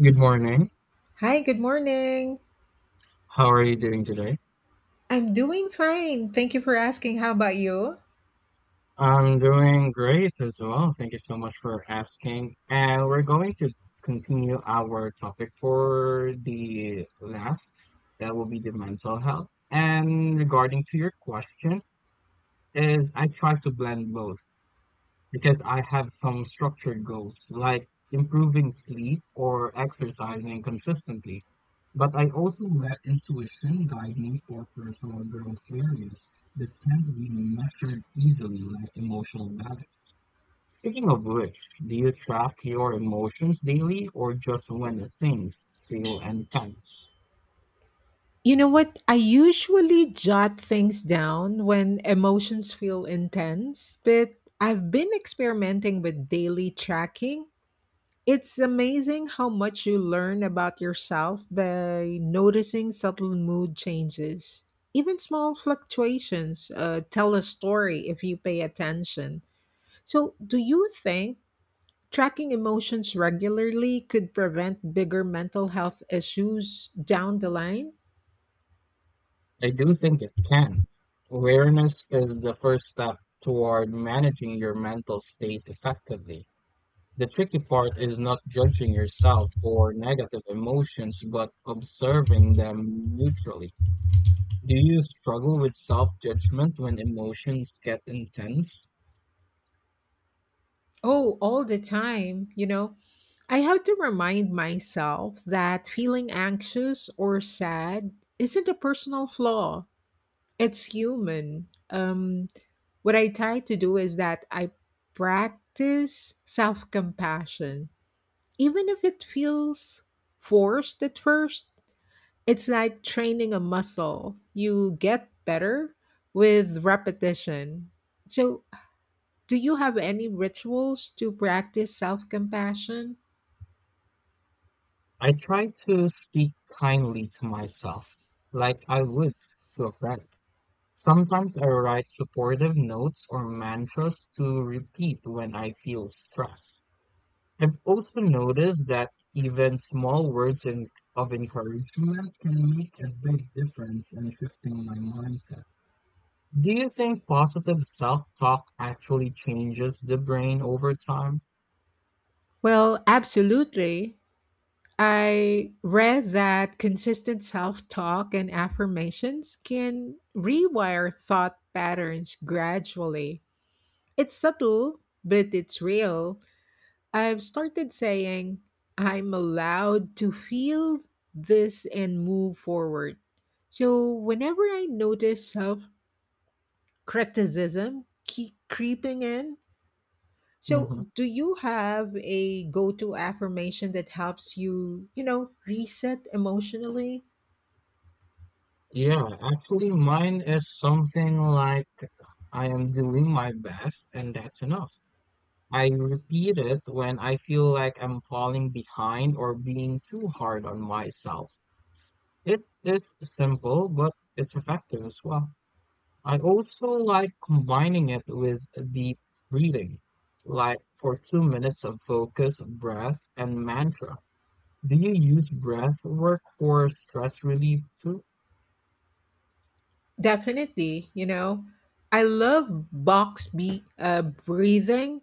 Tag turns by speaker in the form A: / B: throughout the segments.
A: Good morning.
B: Hi, good morning.
A: How are you doing today?
B: I'm doing fine. Thank you for asking. How about you?
A: I'm doing great as well. Thank you so much for asking. And we're going to continue our topic for the last. That will be the mental health. And regarding to your question, is I try to blend both. Because I have some structured goals, like improving sleep or exercising consistently. But I also let intuition guide me for personal growth areas that can't be measured easily, like emotional balance. Speaking of which, do you track your emotions daily or just when things feel intense?
B: You know what? I usually jot things down when emotions feel intense, but I've been experimenting with daily tracking. It's amazing how much you learn about yourself by noticing subtle mood changes. Even small fluctuations tell a story if you pay attention. So, do you think tracking emotions regularly could prevent bigger mental health issues down the line?
A: I do think it can. Awareness is the first step toward managing your mental state effectively. The tricky part is not judging yourself for negative emotions, but observing them neutrally. Do you struggle with self-judgment when emotions get intense?
B: Oh, all the time, you know. I have to remind myself that feeling anxious or sad isn't a personal flaw. It's human. What I try to do is that I practice self compassion, even if it feels forced at first. It's like training a muscle. You get better with repetition. So, do you have any rituals to practice self compassion?
A: I try to speak kindly to myself, like I would to a friend. Sometimes I write supportive notes or mantras to repeat when I feel stress. I've also noticed that even small of encouragement can make a big difference in shifting my mindset. Do you think positive self-talk actually changes the brain over time?
B: Well, absolutely. I read that consistent self talk and affirmations can rewire thought patterns gradually. It's subtle, but it's real. I've started saying I'm allowed to feel this and move forward. So whenever I notice self criticism keep creeping in, so
A: Hmm.
B: do you have a go to affirmation that helps you, reset emotionally?
A: Yeah, actually, mine is something like I am doing my best and that's enough. I repeat it when I feel like I'm falling behind or being too hard on myself. It is simple, but it's effective as well. I also like combining it with deep breathing, like for 2 minutes of focus, breath, and mantra. Do you use breath work for stress relief too?
B: Definitely, you know, I love box be breathing,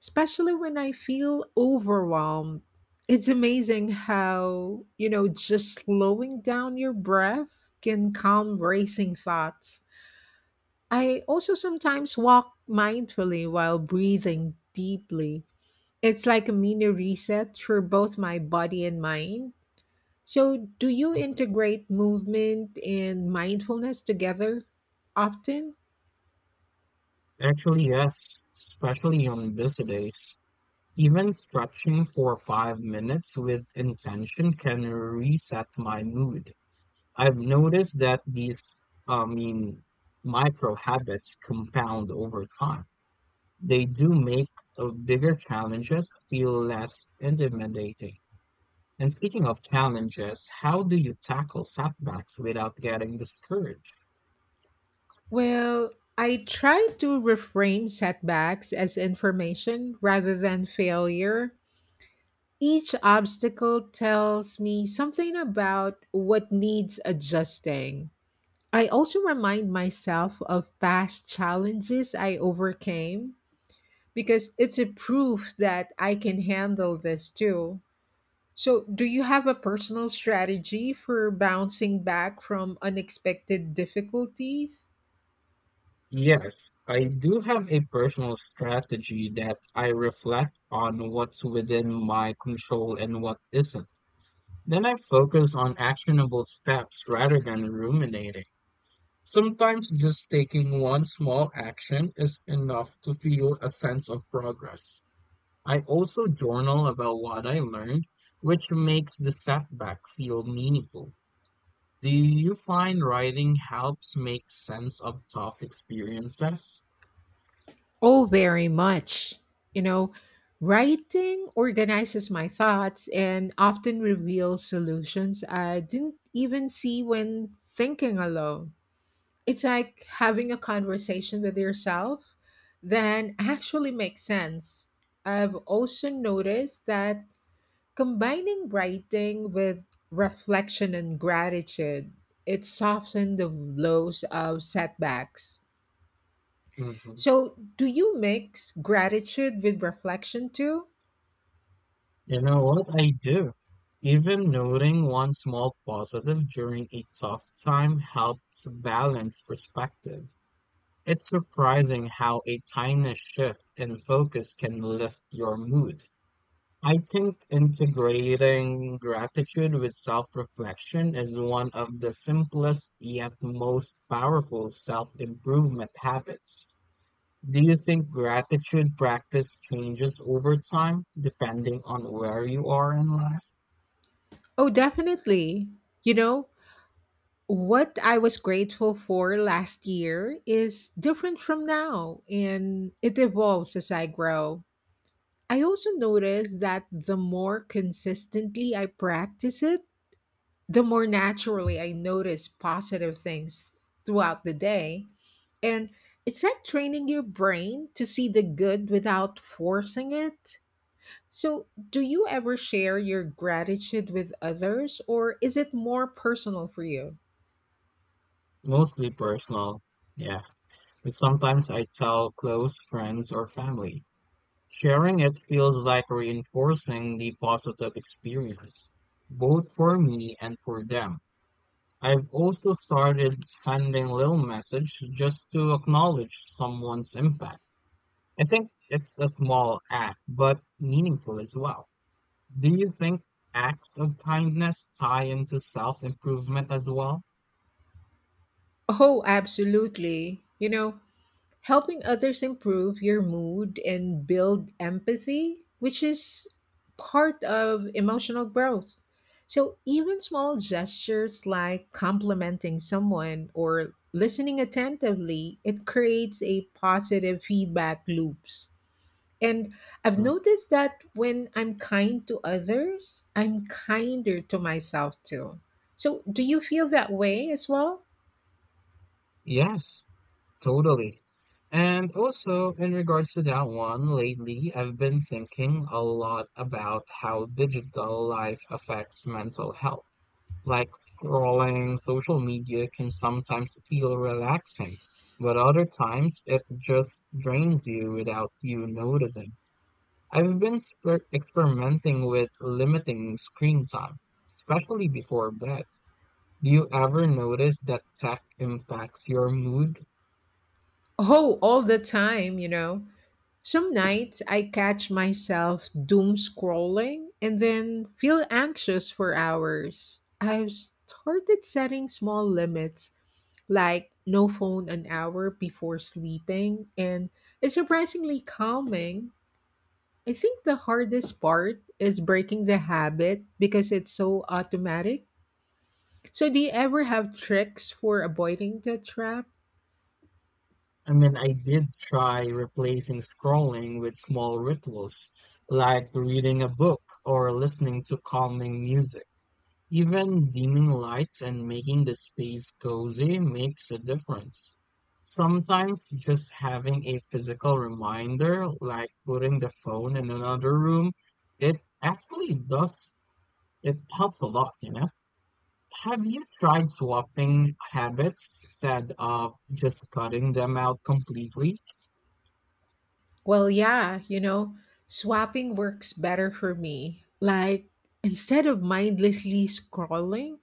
B: especially when I feel overwhelmed. It's amazing how, you know, just slowing down your breath can calm racing thoughts. I also sometimes walk mindfully while breathing deeply. It's like a mini reset for both my body and mind. So, do you
A: Mhm.
B: integrate movement and mindfulness together often?
A: Actually, yes, especially on busy days. Even stretching for 5 minutes with intention can reset my mood. I've noticed that these, I mean, micro habits compound over time. They do make the bigger challenges feel less intimidating. And speaking of challenges, how do you tackle setbacks without getting discouraged?
B: Well, I try to reframe setbacks as information rather than failure. Each obstacle tells me something about what needs adjusting. I also remind myself of past challenges I overcame because it's a proof that I can handle this too. So, do you have a personal strategy for bouncing back from unexpected difficulties?
A: Yes, I do have a personal strategy that I reflect on what's within my control and what isn't. Then I focus on actionable steps rather than ruminating. Sometimes just taking one small action is enough to feel a sense of progress. I also journal about what I learned, which makes the setback feel meaningful. Do you find writing helps make sense of tough experiences?
B: Oh, very much. You know, writing organizes my thoughts and often reveals solutions I didn't even see when thinking alone. It's like having a conversation with yourself then actually makes sense. I've also noticed that combining writing with reflection and gratitude, it softens the blows of setbacks.
A: Mhm.
B: So, do you mix gratitude with reflection too?
A: You know what? I do. Even noting one small positive during a tough time helps balance perspective. It's surprising how a tiny shift in focus can lift your mood. I think integrating gratitude with self-reflection is one of the simplest yet most powerful self-improvement habits. Do you think gratitude practice changes over time depending on where you are in life?
B: Oh, definitely. You know, what I was grateful for last year is different from now, and it evolves as I grow. I also notice that the more consistently I practice it, the more naturally I notice positive things throughout the day. And it's like training your brain to see the good without forcing it. So, do you ever share your gratitude with others, or is it more personal for you?
A: Mostly personal, yeah, but sometimes I tell close friends or family. Sharing it feels like reinforcing the positive experience, both for me and for them. I've also started sending little message just to acknowledge someone's impact. I think it's a small act, but meaningful as well. Do you think acts of kindness tie into self-improvement as well?
B: Oh, absolutely. You know, helping others improve your mood and build empathy, which is part of emotional growth. So, even small gestures like complimenting someone or listening attentively, it creates a positive feedback loops. And I've
A: Mm.
B: noticed that when I'm kind to others, I'm kinder to myself too. So, do you feel that way as well?
A: Yes, totally. And also, in regards to that one, lately I've been thinking a lot about how digital life affects mental health. Like scrolling social media can sometimes feel relaxing, but other times it just drains you without you noticing. I've been experimenting with limiting screen time, especially before bed. Do you ever notice that tech impacts your mood?
B: Oh, all the time, you know. Some nights I catch myself doom scrolling and then feel anxious for hours. I've started setting small limits, like no phone an hour before sleeping, and it's surprisingly calming. I think the hardest part is breaking the habit because it's so automatic. So, do you ever have tricks for avoiding the trap?
A: I mean, I did try replacing scrolling with small rituals, like reading a book or listening to calming music. Even dimming lights and making the space cozy makes a difference. Sometimes just having a physical reminder, like putting the phone in another room, it actually does, it helps a lot, you know? Have you tried swapping habits instead of just cutting them out completely?
B: Well, yeah, you know, swapping works better for me. Like, instead of mindlessly scrolling,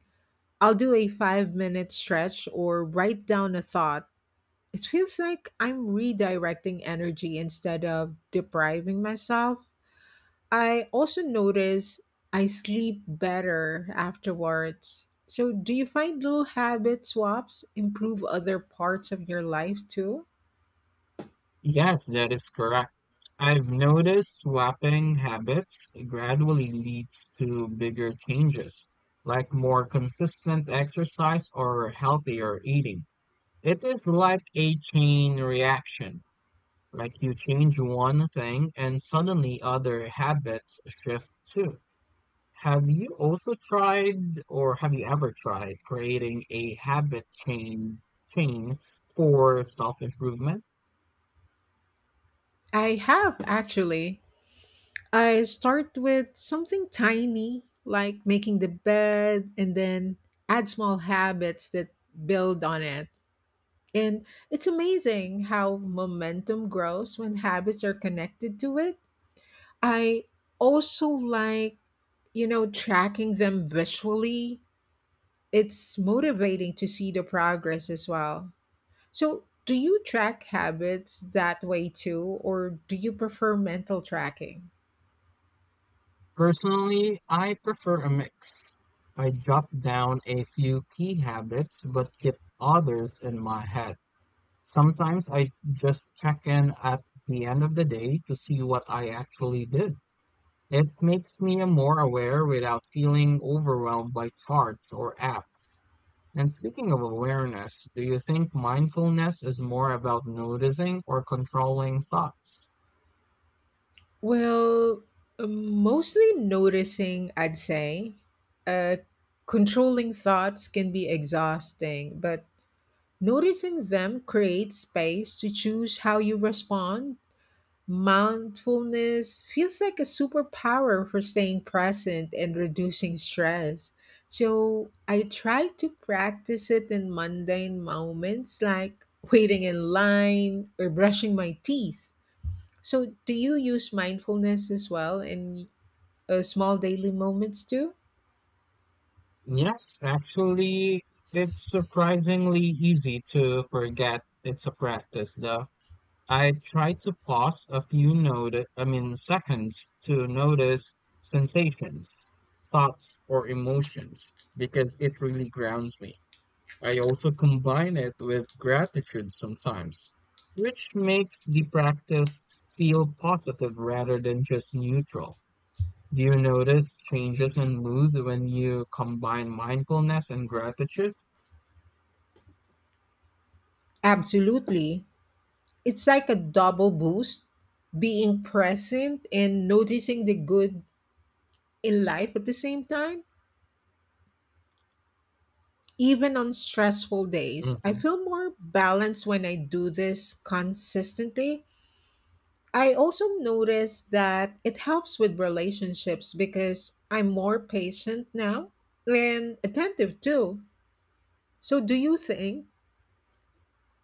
B: I'll do a 5 minute stretch or write down a thought. It feels like I'm redirecting energy instead of depriving myself. I also notice I sleep better afterwards. So, do you find little habit swaps improve other parts of your life too?
A: Yes, that is correct. I've noticed swapping habits gradually leads to bigger changes, like more consistent exercise or healthier eating. It is like a chain reaction, like you change one thing and suddenly other habits shift too. Have you ever tried creating a habit chain for self-improvement?
B: I have actually. I start with something tiny, like making the bed, and then add small habits that build on it. And it's amazing how momentum grows when habits are connected to it. I also like, you know, tracking them visually. It's motivating to see the progress as well. So, do you track habits that way too, or do you prefer mental tracking?
A: Personally, I prefer a mix. I jot down a few key habits but keep others in my head. Sometimes I just check in at the end of the day to see what I actually did. It makes me more aware without feeling overwhelmed by charts or apps. And speaking of awareness, do you think mindfulness is more about noticing or controlling thoughts?
B: Well, mostly noticing, I'd say. Uh, Controlling thoughts can be exhausting, but noticing them creates space to choose how you respond. Mindfulness feels like a superpower for staying present and reducing stress. So I try to practice it in mundane moments like waiting in line or brushing my teeth. So, do you use mindfulness as well in small daily moments too?
A: Yes, actually, it's surprisingly easy to forget it's a practice though. I try to pause a few note, I mean seconds to notice sensations, thoughts, or emotions because it really grounds me. I also combine it with gratitude sometimes, which makes the practice feel positive rather than just neutral. Do you notice changes in mood when you combine mindfulness and gratitude?
B: Absolutely. It's like a double boost being present and noticing the good in life at the same time. Even on stressful days, I
A: Mhm.
B: feel more balanced when I do this consistently. I also notice that it helps with relationships because I'm more patient now and attentive too. So, do you think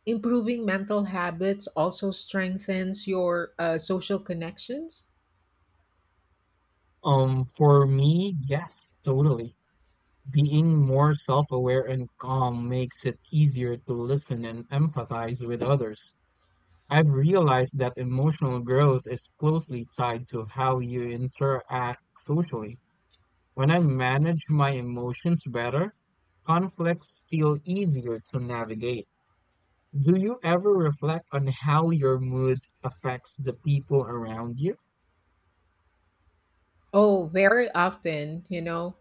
B: improving mental habits also strengthens your social connections?
A: For me, yes, totally. Being more self-aware and calm makes it easier to listen and empathize with others. I've realized that emotional growth is closely tied to how you interact socially. When I manage my emotions better, conflicts feel easier to navigate. Do you ever reflect on how your mood affects the people around you?
B: Oh, very often, you know.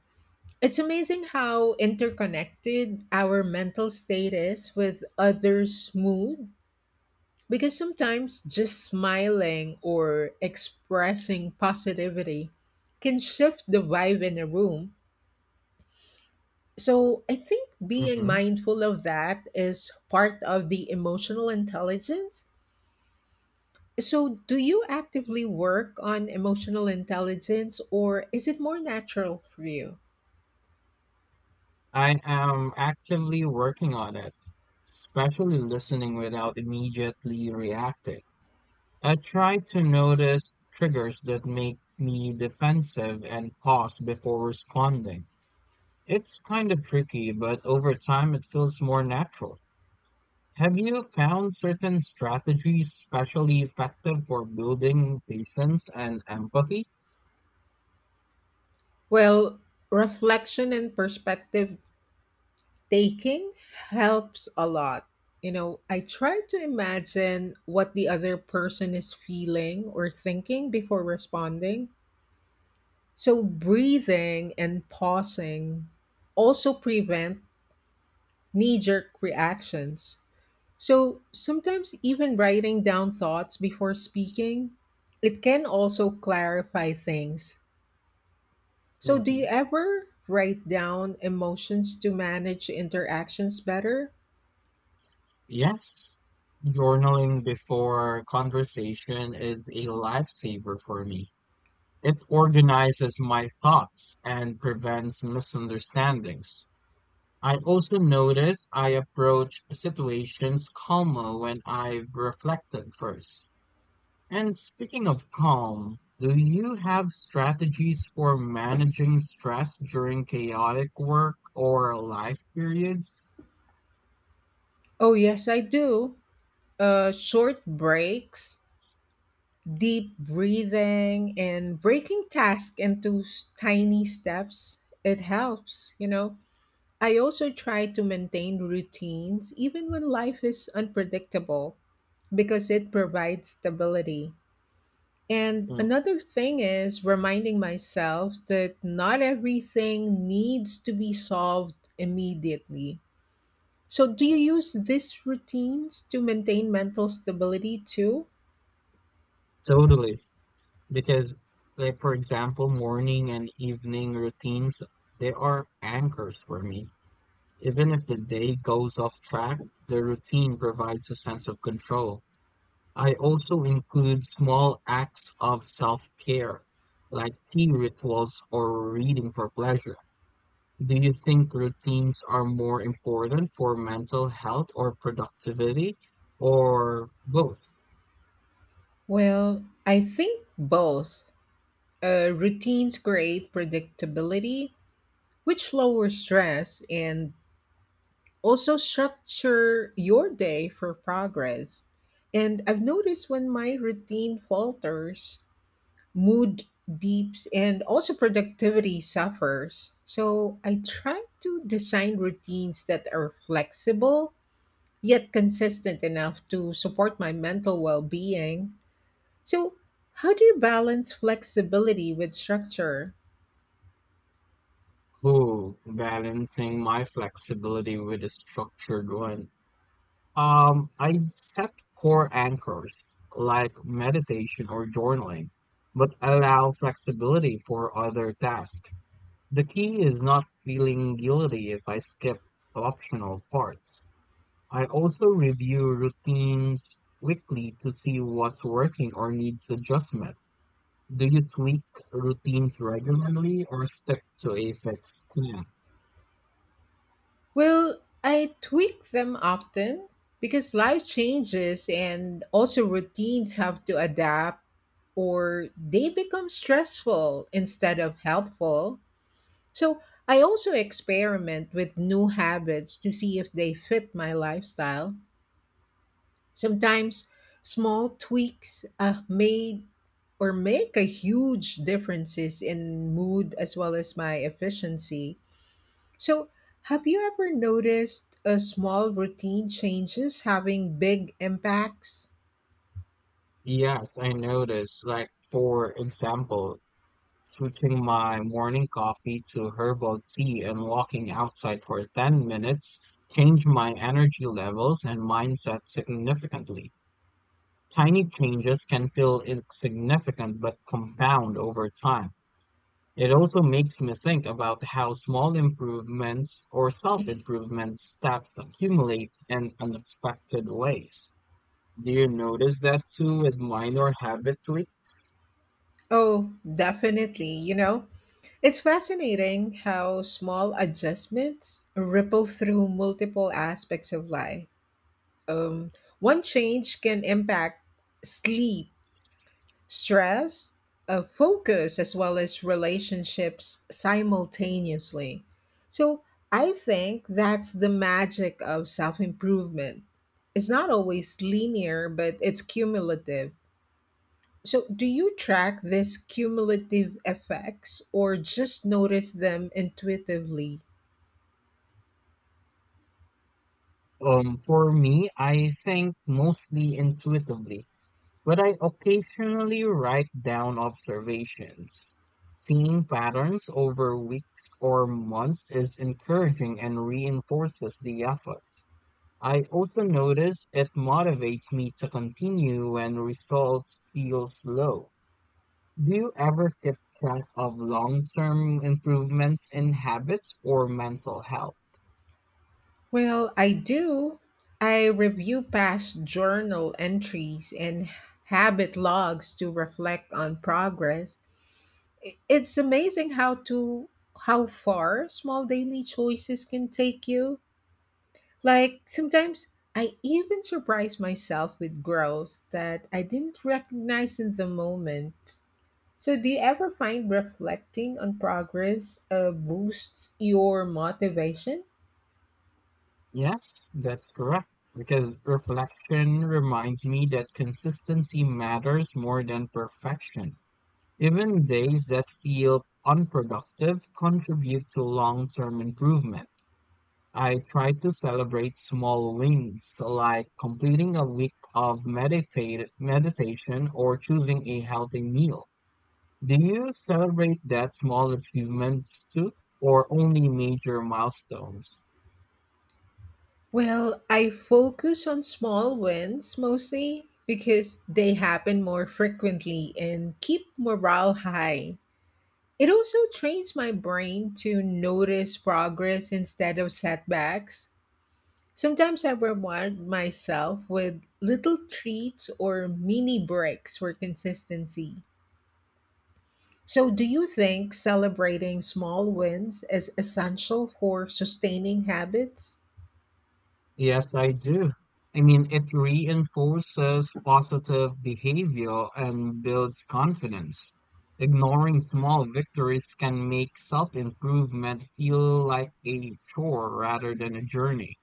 B: It's amazing how interconnected our mental state is with others' mood because sometimes just smiling or expressing positivity can shift the vibe in a room. So I think being
A: Hmm.
B: mindful of that is part of the emotional intelligence. So, do you actively work on emotional intelligence or is it more natural for you?
A: I am actively working on it, especially listening without immediately reacting. I try to notice triggers that make me defensive and pause before responding. It's kind of tricky, but over time it feels more natural. Have you found certain strategies especially effective for building patience and empathy?
B: Well, reflection and perspective taking helps a lot. You know, I try to imagine what the other person is feeling or thinking before responding. So, breathing and pausing also prevent knee jerk reactions. So sometimes, even writing down thoughts before speaking, it can also clarify things. So, do you
A: Mhm.
B: ever write down emotions to manage interactions better?
A: Yes, journaling before conversation is a lifesaver for me. It organizes my thoughts and prevents misunderstandings. I also notice I approach situations calmer when I've reflected first. And speaking of calm, do you have strategies for managing stress during chaotic work or life periods?
B: Oh, yes, I do. Short breaks, deep breathing, and breaking tasks into tiny steps, it helps, you know. I also try to maintain routines even when life is unpredictable, because it provides stability. And
A: Mm.
B: another thing is reminding myself that not everything needs to be solved immediately. So, do you use these routines to maintain mental stability too?
A: Totally. Because like for example morning and evening routines, they are anchors for me. Even if the day goes off track, the routine provides a sense of control. I also include small acts of self-care, like tea rituals or reading for pleasure. Do you think routines are more important for mental health or productivity, or both?
B: Well, I think both. Routines create predictability, which lowers stress and also structure your day for progress. And I've noticed when my routine falters, mood deeps and also productivity suffers. So I try to design routines that are flexible yet consistent enough to support my mental well being. So, how do you balance flexibility with structure?
A: Oh, balancing my flexibility with a structured one. I set core anchors like meditation or journaling, but allow flexibility for other tasks. The key is not feeling guilty if I skip optional parts. I also review routines weekly to see what's working or needs adjustment. Do you tweak routines regularly or stick to a fixed plan?
B: Well, I tweak them often because life changes and also routines have to adapt or they become stressful instead of helpful. So I also experiment with new habits to see if they fit my lifestyle. Sometimes small tweaks made or make a huge differences in mood as well as my efficiency. So have you ever noticed a small routine changes having big impacts?
A: Yes, I noticed. Like, for example, switching my morning coffee to herbal tea and walking outside for 10 minutes changed my energy levels and mindset significantly. Tiny changes can feel insignificant but compound over time. It also makes me think about how small improvements or self-improvement steps accumulate in unexpected ways. Do you notice that too with minor habit tweaks?
B: Oh, definitely, you know. It's fascinating how small adjustments ripple through multiple aspects of life. um, One change can impact sleep, stress, focus, as well as relationships simultaneously. So I think that's the magic of self improvement. It's not always linear, but it's cumulative. So, do you track these cumulative effects or just notice them intuitively?
A: For me, I think mostly intuitively, but I occasionally write down observations. Seeing patterns over weeks or months is encouraging and reinforces the effort. I also notice it motivates me to continue when results feel slow. Do you ever keep track of long-term improvements in habits or mental health?
B: Well, I do. I review past journal entries and habit logs to reflect on progress. It's amazing how far small daily choices can take you. Like sometimes I even surprise myself with growth that I didn't recognize in the moment. So do you ever find reflecting on progress boosts your motivation?
A: Yes, that's correct. Because reflection reminds me that consistency matters more than perfection. Even days that feel unproductive contribute to long term improvement. I try to celebrate small wins, like completing a week of meditation or choosing a healthy meal. Do you celebrate that small achievements too, or only major milestones?
B: Well, I focus on small wins mostly because they happen more frequently and keep morale high. It also trains my brain to notice progress instead of setbacks. Sometimes I reward myself with little treats or mini breaks for consistency. So, do you think celebrating small wins is essential for sustaining habits?
A: Yes, I do. I mean, it reinforces positive behavior and builds confidence. Ignoring small victories can make self-improvement feel like a chore rather than a journey.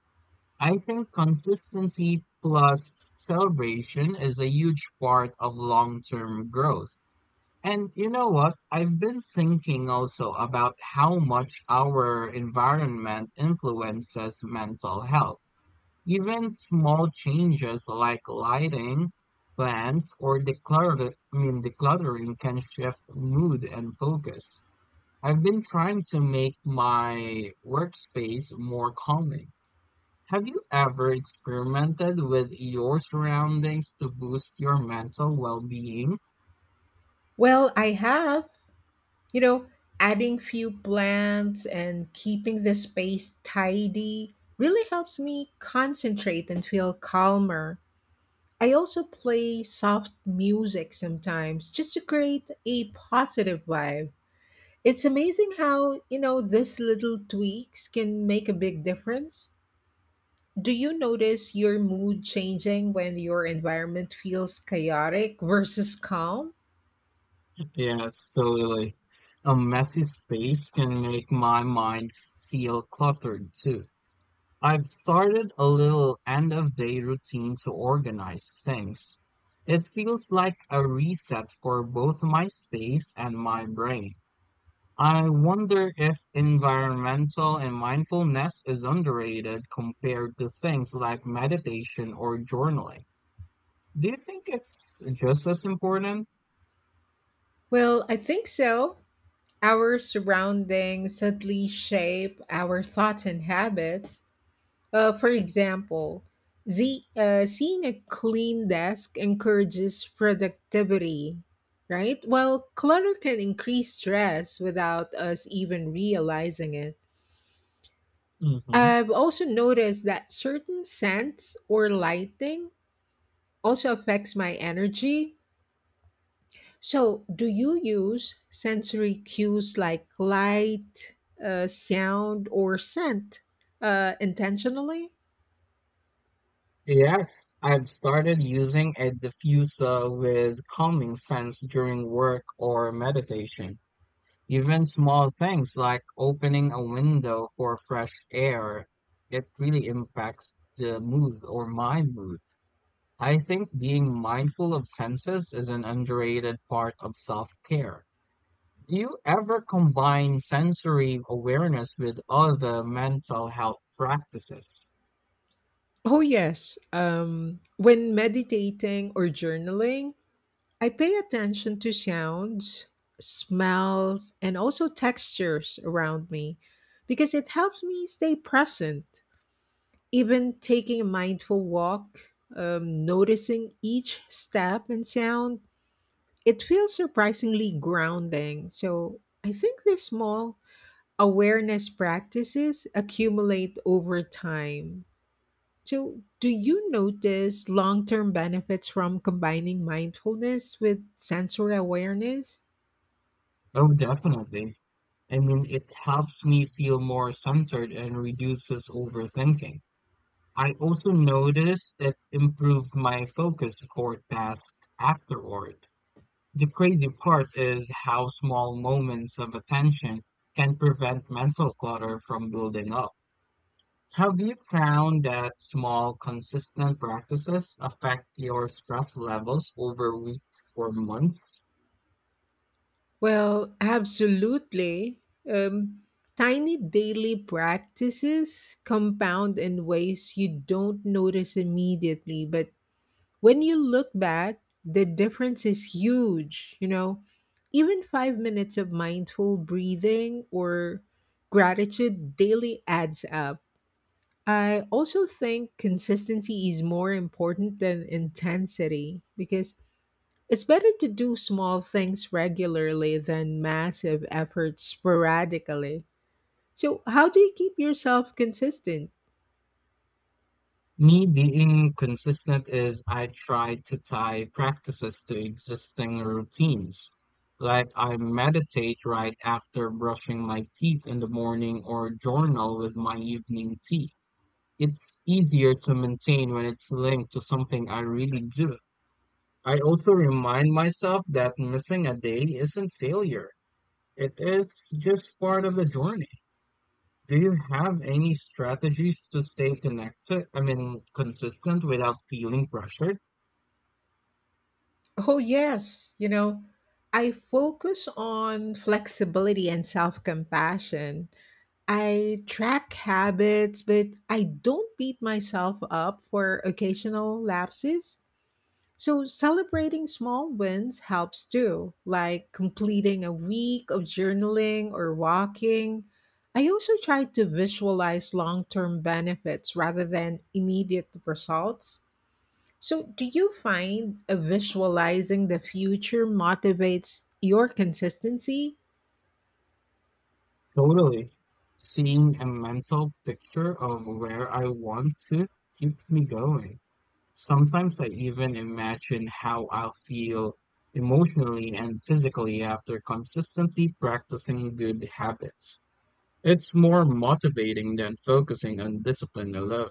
A: I think consistency plus celebration is a huge part of long-term growth. And you know what? I've been thinking also about how much our environment influences mental health. Even small changes like lighting, plants, or decluttering can shift mood and focus. I've been trying to make my workspace more calming. Have you ever experimented with your surroundings to boost your mental well-being?
B: Well, I have. You know, adding few plants and keeping the space tidy really helps me concentrate and feel calmer. I also play soft music sometimes just to create a positive vibe. It's amazing how, you know, these little tweaks can make a big difference. Do you notice your mood changing when your environment feels chaotic versus calm?
A: Yes, totally. A messy space can make my mind feel cluttered too. I've started a little end of day routine to organize things. It feels like a reset for both my space and my brain. I wonder if environmental and mindfulness is underrated compared to things like meditation or journaling. Do you think it's just as important?
B: Well, I think so. Our surroundings subtly shape our thoughts and habits. For example, z seeing a clean desk encourages productivity, right? While clutter can increase stress without us even realizing it.
A: Hmm.
B: I've also noticed that certain scents or lighting also affects my energy. So, do you use sensory cues like light, sound, or scent intentionally?
A: Yes, I've started using a diffuser with calming scents during work or meditation. Even small things like opening a window for fresh air, it really impacts the mood or my mood. I think being mindful of senses is an underrated part of self-care. Do you ever combine sensory awareness with other mental health practices?
B: Oh, yes. When meditating or journaling, I pay attention to sounds, smells, and also textures around me because it helps me stay present. Even taking a mindful walk, noticing each step and sound, it feels surprisingly grounding. So I think these small awareness practices accumulate over time. So, do you notice long term benefits from combining mindfulness with sensory awareness?
A: Oh, definitely. I mean, it helps me feel more centered and reduces overthinking. I also notice it improves my focus for tasks afterward. The crazy part is how small moments of attention can prevent mental clutter from building up. Have you found that small, consistent practices affect your stress levels over weeks or months?
B: Well, absolutely. Um, Tiny daily practices compound in ways you don't notice immediately, but when you look back, the difference is huge. You know, even 5 minutes of mindful breathing or gratitude daily adds up. I also think consistency is more important than intensity because it's better to do small things regularly than massive efforts sporadically. So, how do you keep yourself consistent?
A: Me being consistent is I try to tie practices to existing routines. Like I meditate right after brushing my teeth in the morning or journal with my evening tea. It's easier to maintain when it's linked to something I really do. I also remind myself that missing a day isn't failure. It is just part of the journey. Do you have any strategies to stay consistent without feeling pressured?
B: Oh, yes. You know, I focus on flexibility and self compassion. I track habits, but I don't beat myself up for occasional lapses. So, celebrating small wins helps too, like completing a week of journaling or walking. I also try to visualize long term benefits rather than immediate results. So, do you find visualizing the future motivates your consistency?
A: Totally. Seeing a mental picture of where I want to keeps me going. Sometimes I even imagine how I'll feel emotionally and physically after consistently practicing good habits. It's more motivating than focusing on discipline alone.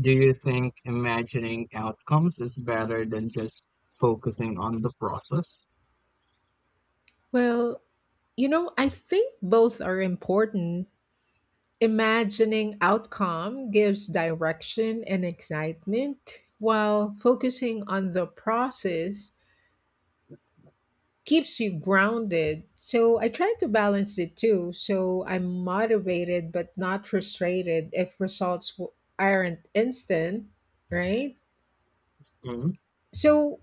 A: Do you think imagining outcomes is better than just focusing on the process?
B: Well, you know, I think both are important. Imagining outcome gives direction and excitement, while focusing on the process keeps you grounded. So I try to balance the two so I'm motivated but not frustrated if results aren't instant, right?
A: Mhm.
B: So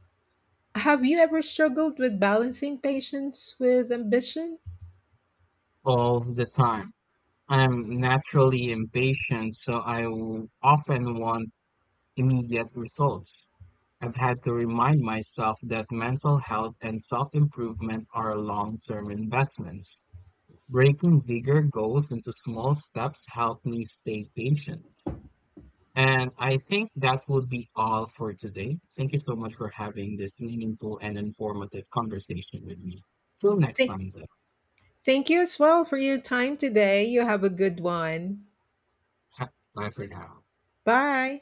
B: have you ever struggled with balancing patience with ambition?
A: All the time. I'm naturally impatient, so I often want immediate results. I've had to remind myself that mental health and self improvement are long term investments. Breaking bigger goals into small steps help me stay patient. And I think that would be all for today. Thank you so much for having this meaningful and informative conversation with me. Till next
B: Thank
A: time, though.
B: thank you as well for your time today. You have a good one.
A: Bye for now.
B: Bye.